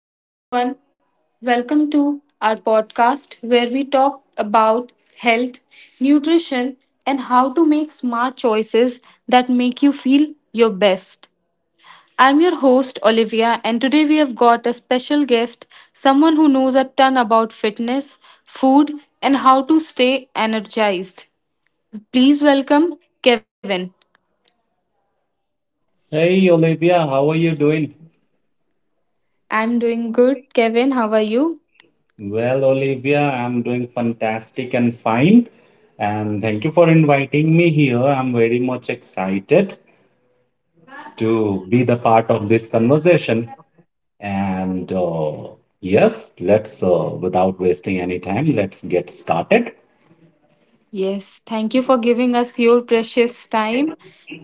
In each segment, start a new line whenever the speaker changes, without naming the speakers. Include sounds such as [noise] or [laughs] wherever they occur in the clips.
Hello, everyone. Welcome to our podcast where we talk about health, nutrition, and how to make smart choices that make you feel your best. I'm your host, Olivia, and today we have got a special guest, someone who knows a ton about fitness, food, and how to stay energized. Please welcome Kevin.
Hey Olivia, how are you doing?
I'm doing good. Kevin, how are you?
Well, Olivia, I'm doing fantastic and fine. And thank you for inviting me here. I'm very much excited to be the part of this conversation. And uh, Without wasting any time, let's get started.
Yes, thank you for giving us your precious time.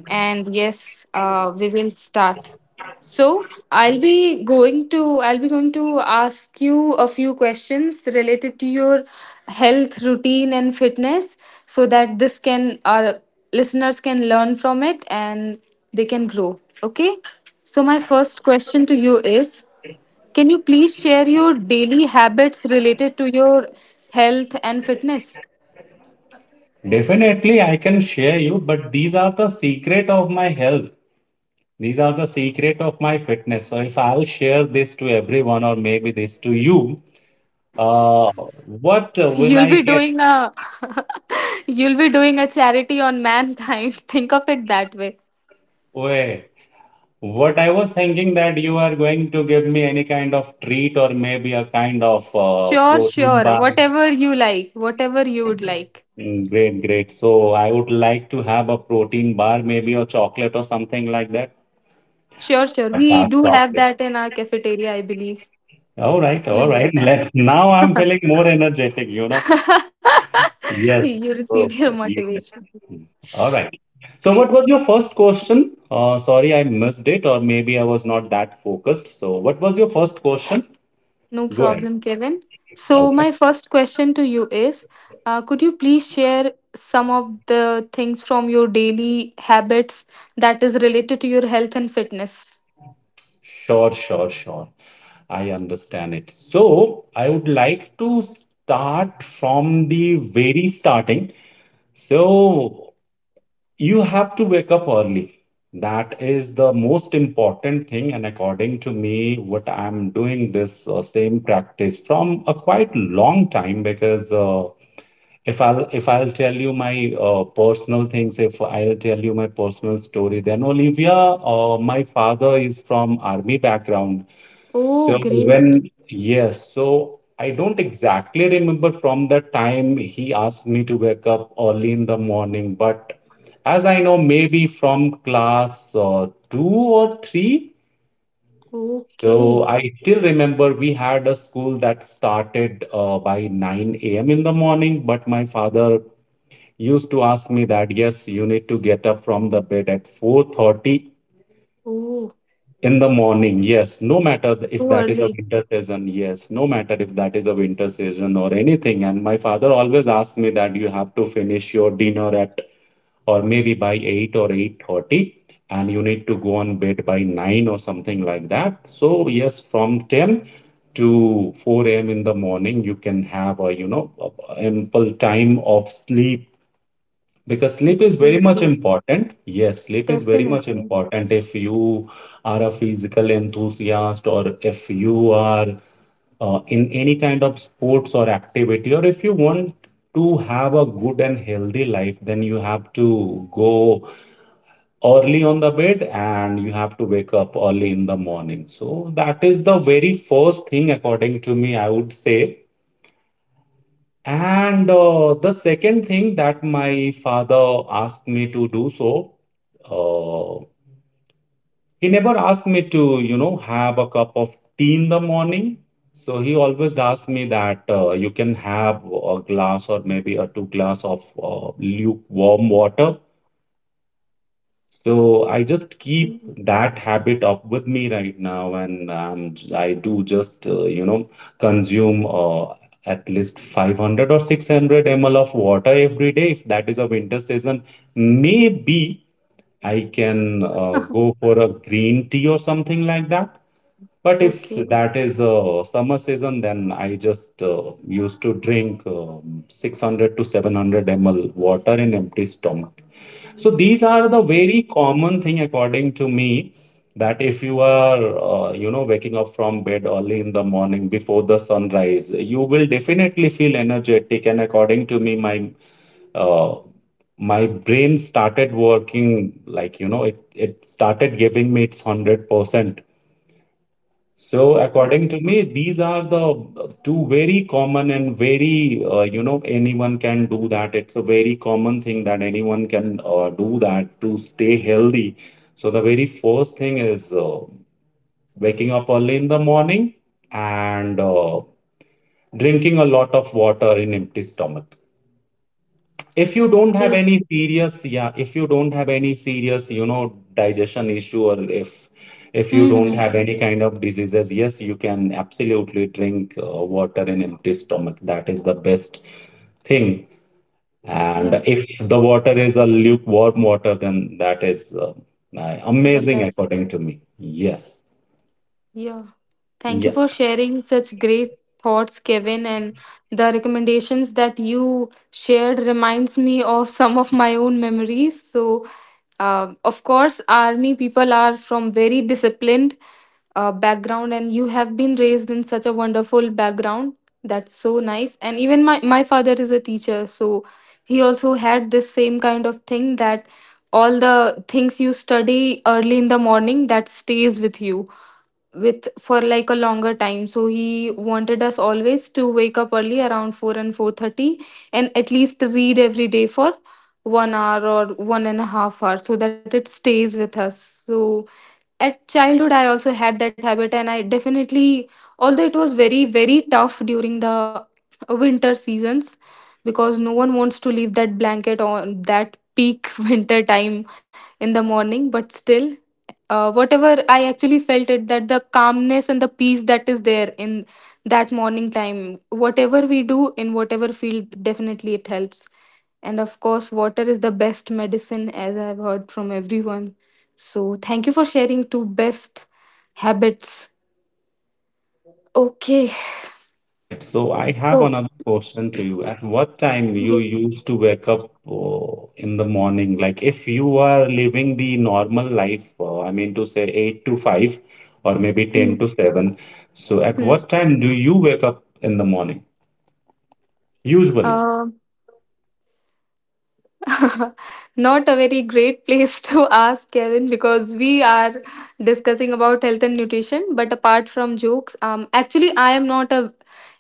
And yes, we will start. So I'll be going to ask you a few questions related to your health routine and fitness, so that this can our listeners can learn from it and they can grow. Okay. So my first question to you is, can you please share your daily habits related to your health and fitness?
Definitely, I can share you, but these are the secret of my health. These are the secret of my fitness. So if I'll share this to everyone or maybe this to you, Uh, what will
You'll
I
be
get?
doing a [laughs] you'll be doing a charity on mankind. [laughs] Think of it that way.
Wait, what I was thinking that you are going to give me any kind of treat or maybe a kind of
Sure,
protein
sure.
bar.
Whatever you like, whatever you would like.
Great, great. So I would like to have a protein bar, maybe a chocolate or something like that.
Sure, sure.
A
We
dark
do have
chocolate.
that in our cafeteria, I believe.
All right, all
You'll
right.
get that.
Let's now I'm feeling more energetic, you know.
[laughs]
Yes.
You received
Oh,
your
yes.
motivation.
All right. So, what
Great.
was your first question? Sorry, I missed it, or maybe I was not that focused. So, what was your first question?
No
Go ahead.
problem, Kevin. So,
Okay.
my first question to you is, could you please share some of the things from your daily habits that is related to your health and fitness?
Sure, sure, sure. I understand it. So, I would like to start from the very starting. So, you have to wake up early. That is the most important thing. And according to me, what I'm doing this same practice from a quite long time because if I'll tell you my personal things, if I'll tell you my personal story, then Olivia, my father is from army background, so
Oh, great.
when, yes, so I don't exactly remember from the time he asked me to wake up early in the morning, but as I know, maybe from class two or three.
Okay.
So I still remember we had a school that started by 9 a.m. in the morning, but my father used to ask me that, yes, you need to get up from the bed at 4:30
Oh,
in the morning, yes. No matter if
so
that is a
early.
winter season, yes. No matter if that is a winter season or anything. And my father always asked me that you have to finish your dinner at or maybe by 8 or 8:30, and you need to go on bed by 9 or something like that. So yes, from 10 to 4 a.m. in the morning, you can have a, you know, a ample time of sleep because sleep is very much
Definitely.
important. Yes, sleep is very much
Definitely.
important if you are a physical enthusiast or if you are in any kind of sports or activity, or if you want to have a good and healthy life, then you have to go early on the bed and you have to wake up early in the morning. So that is the very first thing, according to me, I would say. And uh, the second thing that my father asked me to do so, uh, he never asked me to, you know, have a cup of tea in the morning. So he always asked me that you can have a glass or maybe a two glass of lukewarm water, so I just
Mm.
keep that habit up with me right now, and I do just you know consume at least 500 or 600 ml of water every day. If that is a winter season, maybe I can go for a green tea or something like that. But if
Okay.
that is a summer season, then I just used to drink 600 to 700 ml water in empty stomach. So these are the very common thing according to me that if you are you know waking up from bed early in the morning before the sunrise, you will definitely feel energetic. And according to me, my uh, my brain started working like, you know, it started giving me its 100%. So,
But—
according to me, these are the two very common and very, you know, anyone can do that. It's a very common thing that anyone can do that to stay healthy. So, the very first thing is waking up early in the morning and drinking a lot of water in empty stomach. If you don't have
Okay.
any serious, Yeah, if you don't have any serious, you know, digestion issue or if you don't
Hmm.
have any kind of diseases, yes, you can absolutely drink water in empty stomach. That is the best thing. And
Yeah,
if the water is a lukewarm water, then that is
the
amazing
best.
according to me. Yes.
Yeah. Thank you
Yeah.
for sharing such great thoughts, Kevin. And the recommendations that you shared reminds me of some of my own memories. So, of course, army people are from very disciplined background, and you have been raised in such a wonderful background. That's so nice. And even my father is a teacher, so he also had this same kind of thing that all the things you study early in the morning that stays with you with for like a longer time, so he wanted us always to wake up early around 4 and 4:30 and at least read every day for 1 hour or 1.5 hour so that it stays with us. So at childhood I also had that habit, and I definitely, although it was very very tough during the winter seasons because no one wants to leave that blanket on that peak [laughs] winter time in the morning, but still, whatever I actually felt it, that the calmness and the peace that is there in that morning time, whatever we do in whatever field, definitely it helps. And of course, water is the best medicine, as I've heard from everyone. So, thank you for sharing two best habits. Okay,
All right. So I have
so
another question to you. At what time you
yes.
used to wake up in the morning? Like if you are living the normal life, I mean to say 8 to 5 or maybe
Hmm,
10 to 7. So at
hmm.
what time do you wake up in the morning? Usually.
Uh, [laughs] Not a very great place to [laughs] ask, Kevin, because we are discussing about health and nutrition. But apart from jokes, actually, I am not a.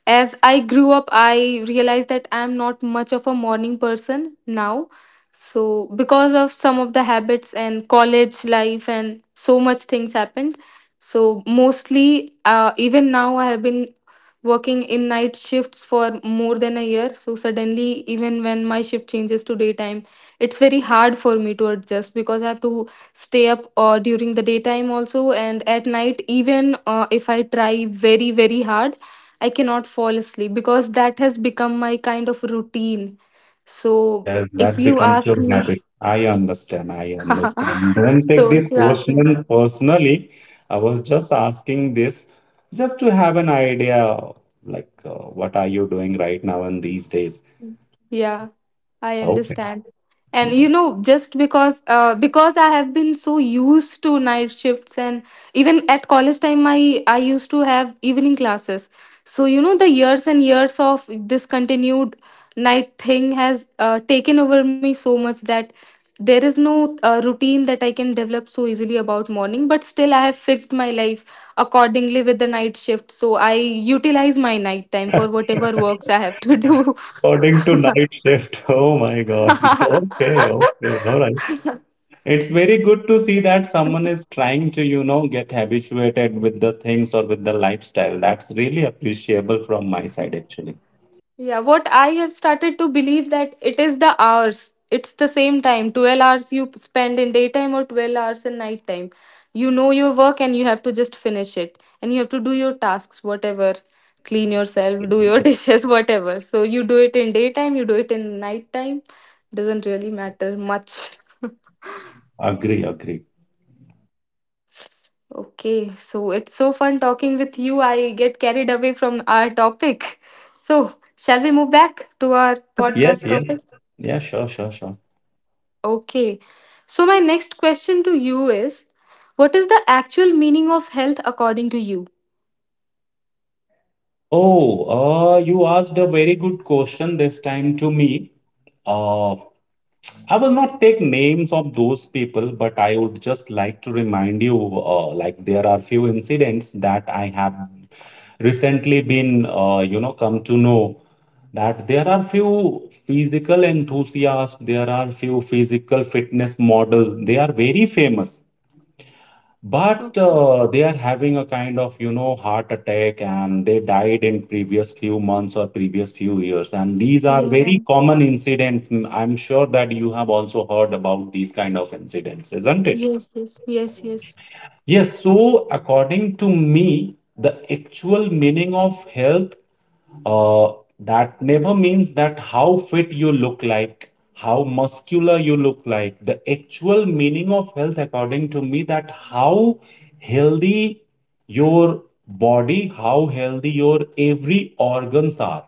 As I grew up, I realized that I am not much of a morning person now. So because of some of the habits and college life and so much things happened. So mostly, even now, I have been working in night shifts for more than a year, so suddenly, even when my shift changes to daytime, it's very hard for me to adjust because I have to stay up during the daytime also, and at night even if I try very very hard, I cannot fall asleep because that has become my kind of routine. So
Yes,
if
that
you
becomes your
ask me,
habit. I understand. I
[laughs]
understand. Don't take
so if
this
you ask me,
question personally. I was just asking this just to have an idea, like what are you doing right now and these days?
yeah, I
Okay.
understand. And you
Mhm.
know, just because I have been so used to night shifts, and even at college time I used to have evening classes. So you know, the years and years of this continued night thing has taken over me so much that there is no routine that I can develop so easily about morning, but still I have fixed my life accordingly with the night shift. So I utilize my night time for
[laughs]
whatever works I have to do.
According to
[laughs]
night shift. [laughs] Oh my God. [laughs] Okay, okay. All
[laughs]
right. It's very good to see that someone is trying to, you know, get habituated with the things or with the lifestyle. That's really appreciable from my side, actually.
Yeah, what I have started to believe that it is the hours. It's the same time. 12 hours you spend in daytime or 12 hours in nighttime. You know your work and you have to just finish it. And you have to do your tasks, whatever. Clean yourself, do your [laughs] dishes, whatever. So you do it in daytime, you do it in nighttime. Doesn't really matter much. [laughs]
Agree, agree.
Okay, so it's so fun talking with you. I get carried away from our topic. So, shall we move back to our
Yep, yep,
podcast
yep.
topic?
Yeah, sure, sure, sure.
Okay. So, my next question to you is, what is the actual meaning of health according to you?
Oh, you asked a very good question this time to me. Uh, I will not take names of those people, but I would just like to remind you, like there are few incidents that I have recently been, you know, come to know that there are few physical enthusiasts, there are few physical fitness models. They are very famous. but
Okay.
uh, they are having a kind of, you know, heart attack and they died in previous few months or previous few years, and these are
Yeah, yeah.
very common incidents. Mm, I'm sure that you have also heard about these kind of incidents, isn't it?
Yes, yes, yes, yes.
Yes, so according to me, the actual meaning of health, uh, that never means that how fit you look like, how muscular you look like. The actual meaning of health, according to me, that how healthy your body, how healthy your every organs are.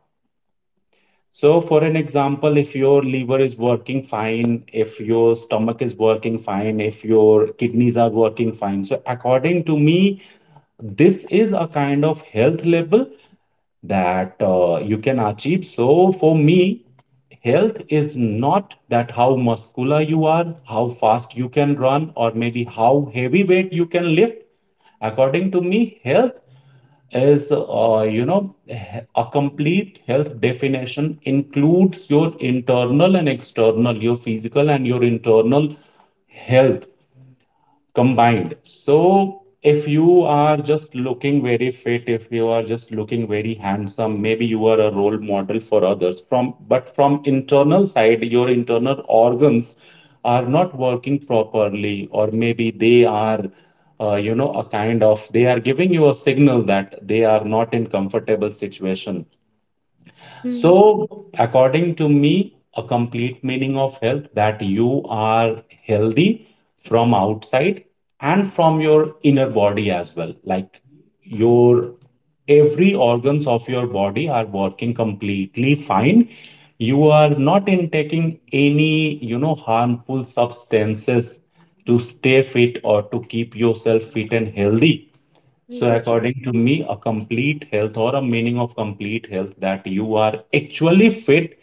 So, for an example, if your liver is working fine, if your stomach is working fine, if your kidneys are working fine. So, according to me, this is a kind of health level that you can achieve. So, for me, health is not that how muscular you are, how fast you can run, or maybe how heavy weight you can lift. According to me, health is, you know, a complete health definition includes your internal and external, your physical and your internal health combined. So if you are just looking very fit, if you are just looking very handsome, maybe you are a role model for others from but from internal side, your internal organs are not working properly, or maybe they are you know, a kind of they are giving you a signal that they are not in comfortable situation. So, according to me, a complete meaning of health that you are healthy from outside and from your inner body as well. Like your every organs of your body are working completely fine. You are not intaking any, you know, harmful substances to stay fit or to keep yourself fit and healthy. So,
Mm-hmm.
according to me, a complete health or a meaning of complete health that you are actually fit,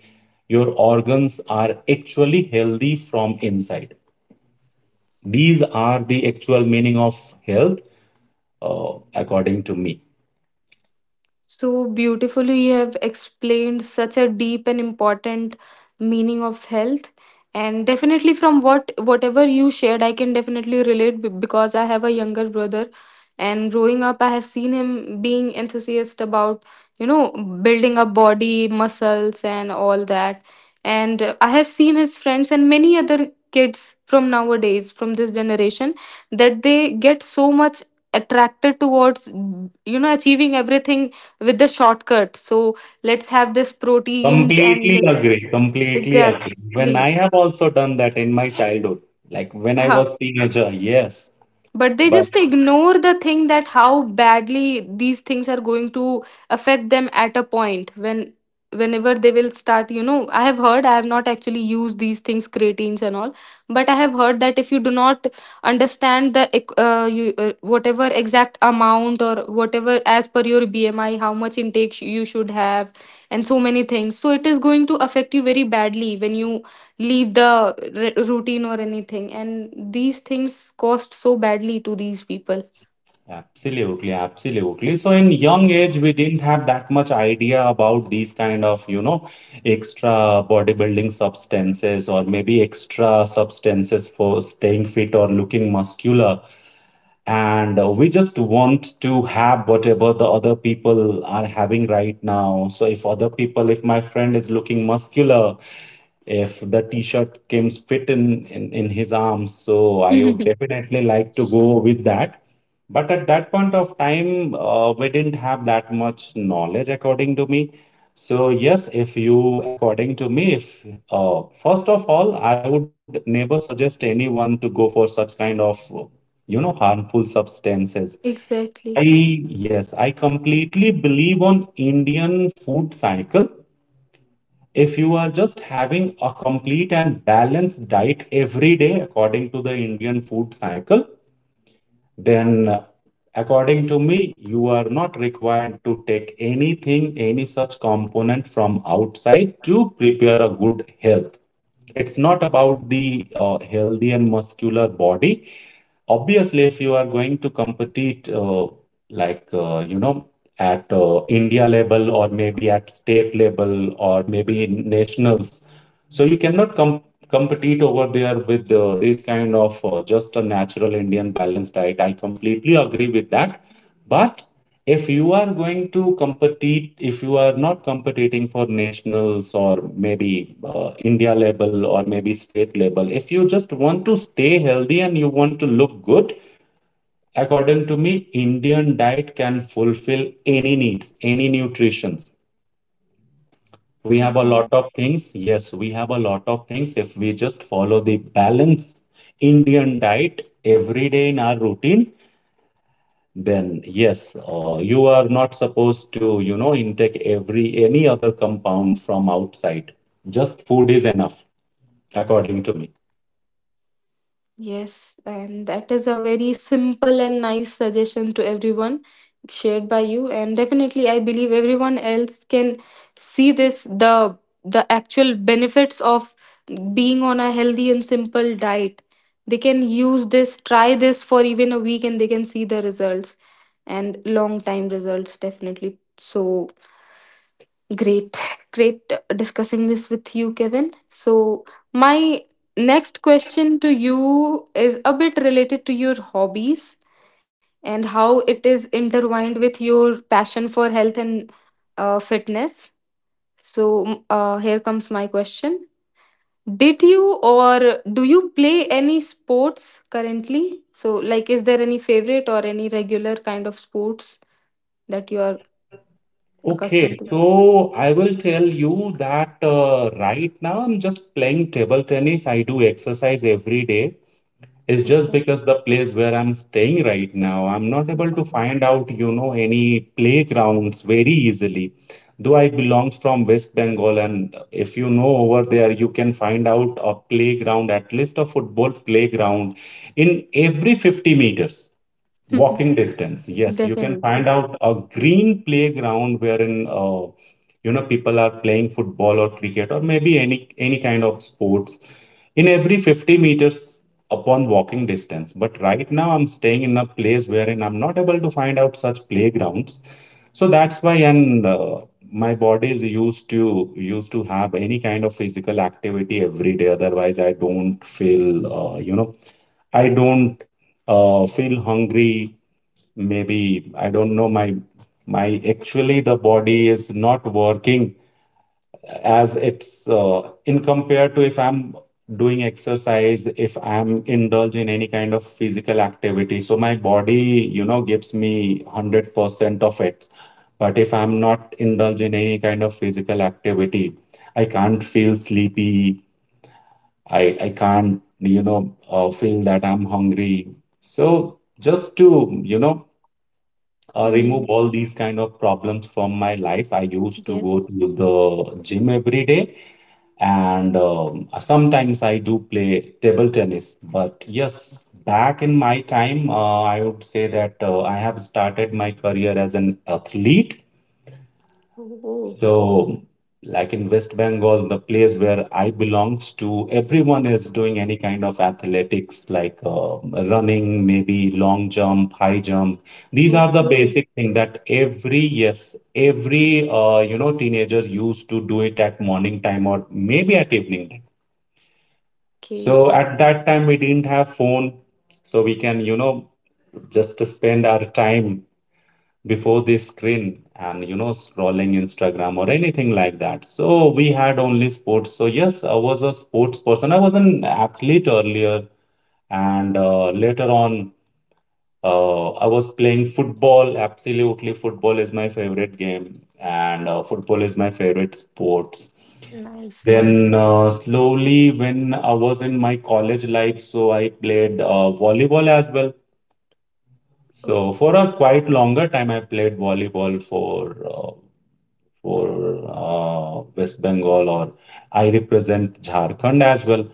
your organs are actually healthy from inside. These are the actual meaning of health, according to me.
So beautifully, you have explained such a deep and important meaning of health. And definitely, from whatever you shared, I can definitely relate because I have a younger brother, and growing up, I have seen him being enthusiastic about you know building up body, muscles, and all that. And I have seen his friends and many other kids from nowadays, from this generation, that they get so much attracted towards achieving everything with the shortcut. So let's have this proteins and
Completely
let's
agree. Completely agree. When
exactly
I have also done that in my childhood, like when I was
[laughs]
teenager, yes.
but they
But.
just ignore the thing that how badly these things are going to affect them at a point when, whenever they will start, I have heard, I have not actually used these things, creatines and all, but I have heard that if you do not understand whatever exact amount or whatever as per your BMI, how much intake you should have, and so many things, so it is going to affect you very badly when you leave the routine or anything, and these things cost so badly to these people.
Absolutely, absolutely. So in young age, we didn't have that much idea about these kind of, you know, extra bodybuilding substances or maybe extra substances for staying fit or looking muscular. And we just want to have whatever the other people are having right now. So if other people, if my friend is looking muscular, if the t-shirt came fit in his arms, so I would
[laughs]
definitely like to go with that. But at that point of time, we didn't have that much knowledge according to me. So yes, if you, according to me, if first of all I would never suggest anyone to go for such kind of, you know, harmful substances. I,
Exactly.
yes, I completely believe on Indian food cycle. If you are just having a complete and balanced diet every day according to the Indian food cycle, then according to me, you are not required to take anything, any such component from outside to prepare a good health. It's not about the healthy and muscular body. Obviously, if you are going to compete, like at India level or maybe at state level or maybe in nationals, so you cannot compete over there with this kind of, just a natural Indian balanced diet. I completely agree with that. But if you are going to compete, if you are not competing for nationals or maybe India level or maybe state level, if you just want to stay healthy and you want to look good, according to me, Indian diet can fulfill any needs, any nutritions. We have a
Definitely.
lot of things. Yes, we have a lot of things. If we just follow the balance Indian diet every day in our routine, then yes, you are not supposed to, intake every any other compound from outside. Just food is enough, according to me.
Yes, and that is a very simple and nice suggestion to everyone shared by you. And definitely, I believe everyone else can see this the actual benefits of being on a healthy and simple diet. They can use this, try this for even a week, and they can see the results and long time results definitely. So, great, great discussing this with you, Kevin. So, my next question to you is a bit related to your hobbies and how it is intertwined with your passion for health and fitness. So, here comes my question. Did you or do you play any sports currently? So, like, is there any favorite or any regular kind of sports that you are accustomed
Okay,
to?
so I will tell you that right now I'm just playing table tennis. I do exercise every day. It's just because the place where I'm staying right now, I'm not able to
Okay.
find out, any playgrounds very easily. Though I belong from West Bengal, and if you know over there, you can find out a playground, at least a football playground, in every 50 meters.
[laughs]
Walking distance. Yes, you can
Definitely.
find out a green playground wherein people are playing football or cricket or maybe any kind of sports in every 50 meters upon walking distance. But right now I'm staying in a place wherein I'm not able to find out such playgrounds. So that's why, and my body is used to have any kind of physical activity every day. Otherwise, I don't feel I don't feel hungry. Maybe I don't know my actually the body is not working as it's, in compared to if I'm doing exercise, if I'm indulge in any kind of physical activity. So my body, gives me 100% of it. But if I'm not indulge in any kind of physical activity, I can't feel sleepy. I can't, feel that I'm hungry. So just to, remove
Hmm.
all these kind of problems from my life, I used to go
Yes.
to the gym every day, and sometimes I do play table tennis. But yes, back in my time, I would say that I have started my career as an athlete.
Oh.
So, like in West Bengal, the place where I belongs to, everyone is doing any kind of athletics like running, maybe long jump, high jump. These are the
Okay.
basic thing that every, yes, every teenager used to do it at morning time or maybe at evening time.
Okay.
So at that time we didn't have phone, so we can, just spend our time before this screen and scrolling Instagram or anything like that. So we had only sports. So yes, I was a sports person. I was an athlete earlier, and later on, I was playing football. Absolutely, football is my favorite game, and football is my favorite sports.
Nice.
Then
Nice.
slowly, when I was in my college life, so I played volleyball as well. So
Okay.
for a quite longer time, I played volleyball for uh, for West Bengal, or I represent Jharkhand as well.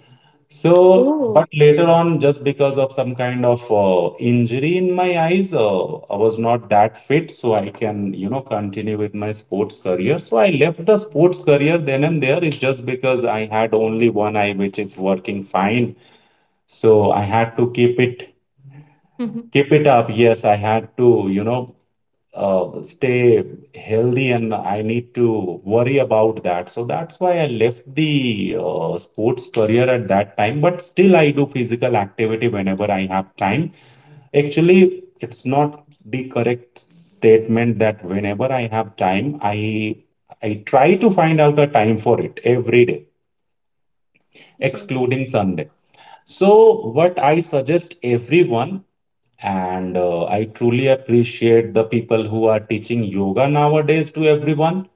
So, but
Oh.
later on, just because of some kind of injury in my eyes, I was not that fit, so I can, continue with my sports career. So I left the sports career then and there. It's just because I had only one eye, which is working fine. So I had to keep it,
[laughs]
keep it up. Yes, I had to, stay healthy and I need to worry about that. So that's why I left the sports career at that time. But still, I do physical activity whenever I have time. Actually, it's not the correct statement that whenever I have time, I try to find out a time for it every day,
Yes.
excluding Sunday. So, what I suggest everyone, and I truly appreciate the people who are teaching yoga nowadays to everyone.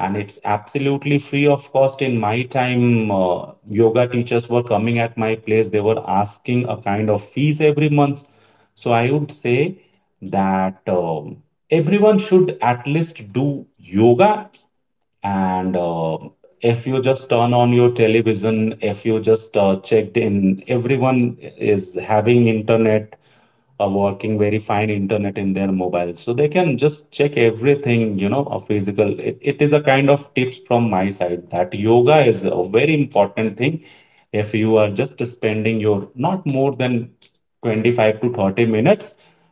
And it's absolutely free of cost. In my time, yoga teachers were coming at my place. They were asking a kind of fees every month. So I would say that everyone should at least do yoga. And if you just turn on your television, if you just checked in, everyone is having internet, working very fine internet in their mobile, so they can just check everything, a physical, it is a kind of tips from my side that yoga is a very important thing if you are just spending your not more than 25 to 30 minutes,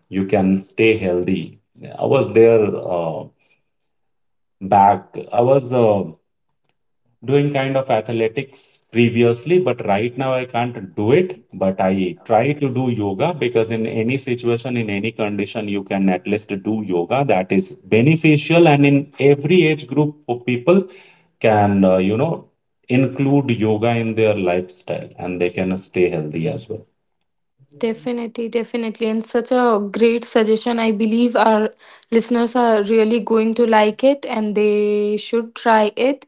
you can stay healthy. I was there, uh, back, I was doing kind of athletics previously, but right now I can't do it. But I try to do yoga because in any situation, in any condition, you can at least do yoga that is beneficial. And in every age group of people can, include yoga in their lifestyle and they can stay healthy as well.
Definitely, definitely. And such a great suggestion. I believe our listeners are really going to like it and they should try it.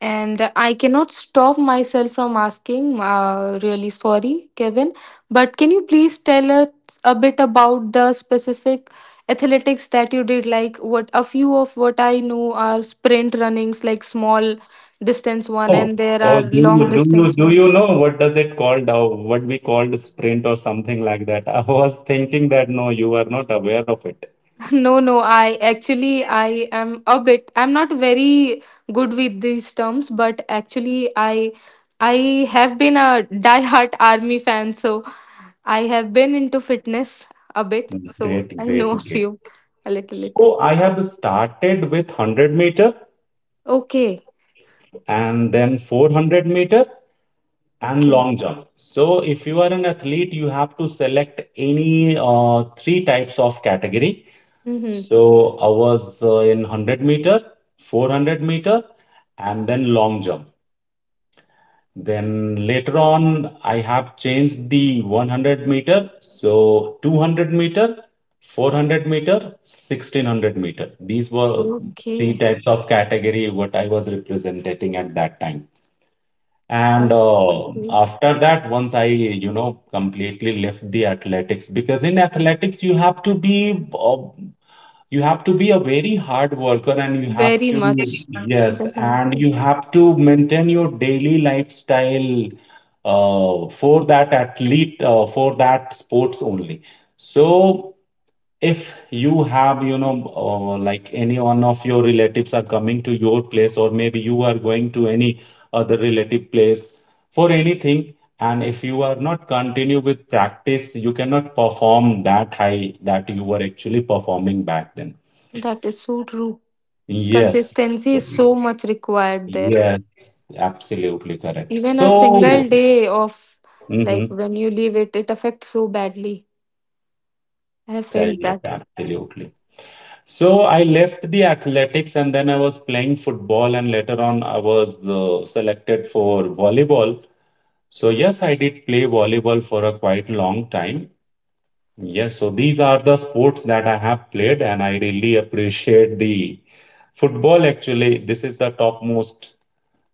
And I cannot stop myself from asking, really sorry, Kevin, but can you please tell us a bit about the specific athletics that you did? Like, what a few of what I know are sprint runnings, like small distance one,
Oh,
and there
oh,
are long distance
do
one.
you know what does it called, what we called sprint or something like that? [laughs] I was thinking that no, you are not aware of it.
[laughs] No, no, I actually, I am a bit, I'm not very good with these terms, but actually I have been a diehard army fan, so I have been into fitness a bit, so
Great,
I know
great,
[laughs] a
great.
few, a little little.
So I have started with 100 meter
Okay.
and then 400 meter and
Okay.
long jump. So if you are an athlete, you have to select any three types of category.
Mm-hmm.
So I was, in 100 meter, 400 meter, and then long jump. Then later on, I have changed the 100 meter, so 200 meter, 400 meter, 1,600 meter. These were three
Okay.
types of category what I was representing at that time. And
That's great.
after that, once I, completely left the athletics, because in athletics you have to be a very hard worker and you have
Very
to,
much.
yes, and
Definitely.
you have to maintain your daily lifestyle for that athlete, for that sports only. So if you have, like any one of your relatives are coming to your place or maybe you are going to any other relative place for anything, and if you are not continue with practice, you cannot perform that high that you were actually performing back then.
That is so true.
Yes,
Consistency is so much required there.
yes, absolutely correct.
Even a
So,
single day of, like,
mhm,
when you leave it, it affects so badly. I have
yes,
felt
yes,
that.
absolutely. So I left the athletics and then I was playing football, and later on, I was selected for volleyball. So, yes, I did play volleyball for a quite long time. Yes, so these are the sports that I have played, and I really appreciate the football. Actually, this is the topmost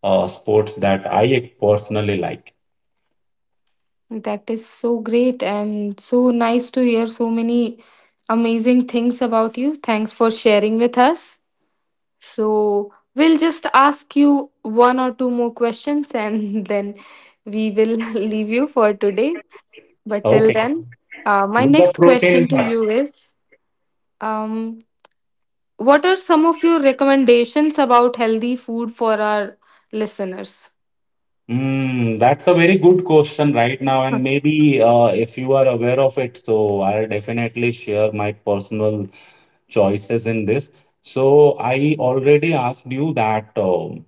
sports that I personally like.
That is so great and so nice to hear so many amazing things about you. Thanks for sharing with us. So, we'll just ask you one or two more questions and [laughs] then we will [laughs] leave you for today. But till
Okay.
then, my
With the
next
protein
question to
bar.
you is. Um, What are some of your recommendations about healthy food for our listeners?
Mm, that's a very good question right now, and maybe if you are aware of it, so I'll definitely share my personal choices in this. So I already asked you that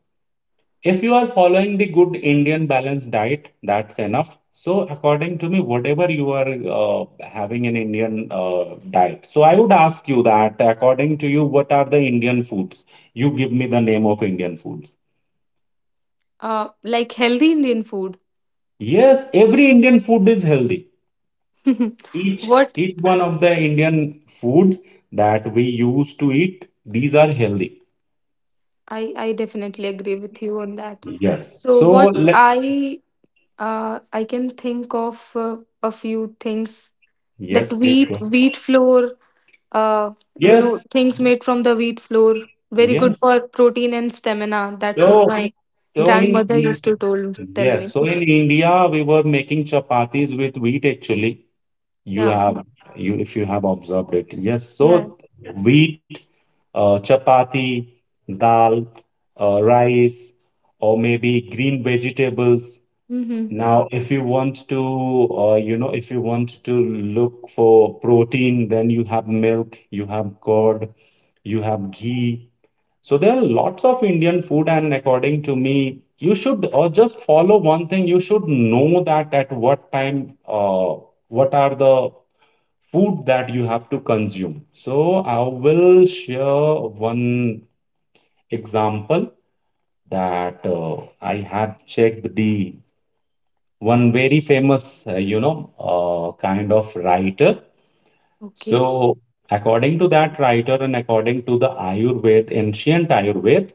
if you are following the good Indian balanced diet, that's enough. So according to me, whatever you are having an Indian diet, so I would ask you that according to you, what are the Indian foods? You give me the name of Indian foods.
Like healthy Indian food.
Yes, every Indian food is healthy.
[laughs]
Each
what
each one of the Indian food that we used to eat, these are healthy.
I definitely agree with you on that.
Yes.
So
So
what
let,
I can think of a few things, that
yes, please
wheat
go.
wheat flour, uh,
Yes,
things made from the wheat flour, very good
yes.
for protein and stamina. That's what
So
my
so in
grandmother used to told tell
yes,
me.
so in India we were making chapatis with wheat actually. You
Yeah.
have, you if you have observed it. Yes.
Yeah.
So wheat, chapati, dal, rice, or maybe green vegetables.
Mm-hmm.
Now, if you want to, if you want to look for protein, then you have milk, you have curd, you have ghee. So there are lots of Indian food, and according to me, you should or just follow one thing. You should know that at what time, what are the food that you have to consume. So I will share one example that I have checked the one very famous, kind of writer.
Okay.
So, according to that writer and according to the Ayurveda, ancient Ayurveda,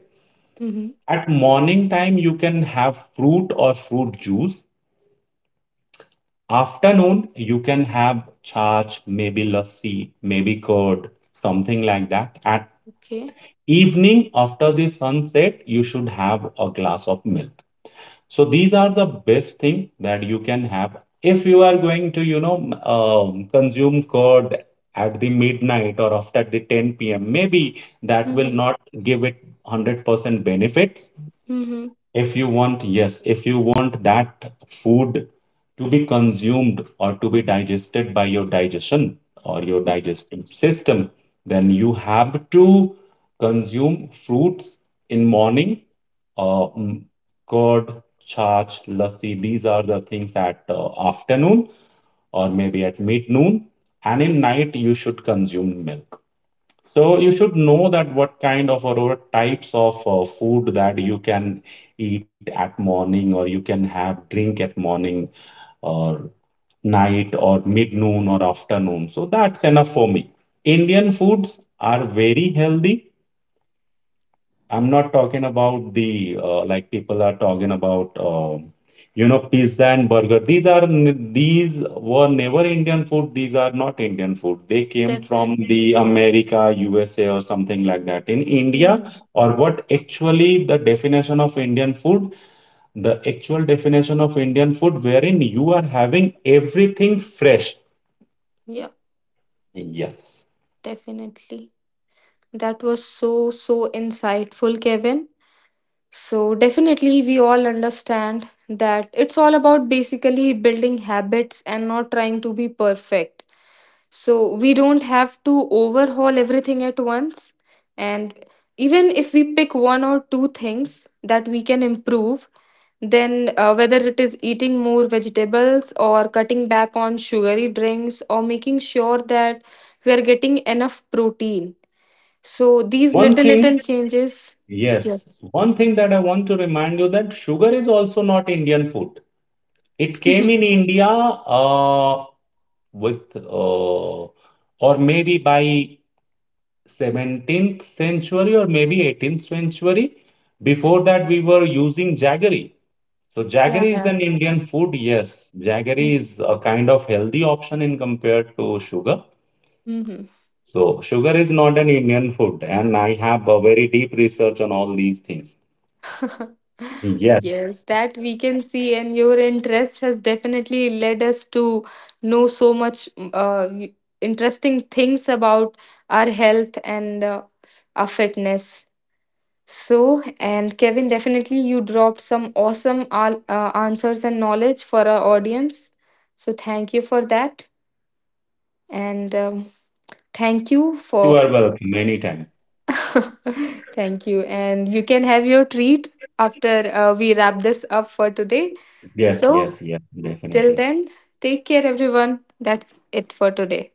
Mm-hmm.
at morning time you can have fruit or fruit juice. Afternoon you can have chach, maybe lassi, maybe curd, something like that. At
Okay.
evening after the sunset you should have a glass of milk. So these are the best thing that you can have if you are going to, consume curd at the midnight or after the 10 p.m. maybe that will
Mm-hmm.
not give it 100% benefits.
Mm-hmm.
If you want, yes, if you want that food to be consumed or to be digested by your digestion or your digestive system, then you have to consume fruits in morning. Uh, mm, curd, chaach, lassi, these are the things at afternoon or maybe at mid noon. And in night, you should consume milk. So you should know that what kind of or what types of food that you can eat at morning or you can have drink at morning or night or mid noon or afternoon. So that's enough for me. Indian foods are very healthy. I'm not talking about the, like people are talking about, pizza and burger. These were never Indian food. These are not Indian food. They came from
Definitely.
the America, USA, or something like that. In India,
Mm-hmm.
or what actually the definition of Indian food? The actual definition of Indian food, wherein you are having everything fresh.
Yeah,
Yes.
definitely. That was so, so insightful, Kevin. So, definitely, we all understand that it's all about basically building habits and not trying to be perfect. So, we don't have to overhaul everything at once. And even if we pick one or two things that we can improve, then, whether it is eating more vegetables or cutting back on sugary drinks or making sure that we are getting enough protein. So, these
One
little,
thing,
little changes.
yes.
Yes.
One thing that I want to remind you that sugar is also not Indian food. It
[laughs] Yeah.
came in India, with, or maybe by 17th century or maybe 18th century. Before that, we were using jaggery. So jaggery is
Yeah.
an Indian food, yes. Jaggery is a kind of healthy option in compared to sugar.
Hmm.
So sugar is not an Indian food, and I have a very deep research on all these things.
[laughs]
Yes,
Yes, that we can see, and your interest has definitely led us to know so much interesting things about our health and our fitness. So, and Kevin, definitely you dropped some awesome answers and knowledge for our audience. So, thank you for that. And thank you
you
for.
are welcome anytime.
[laughs] Thank you. And you can have your treat after we wrap this up for today.
Yes,
So,
yes, yes,
till
definitely.
then, take care, everyone. That's it for today.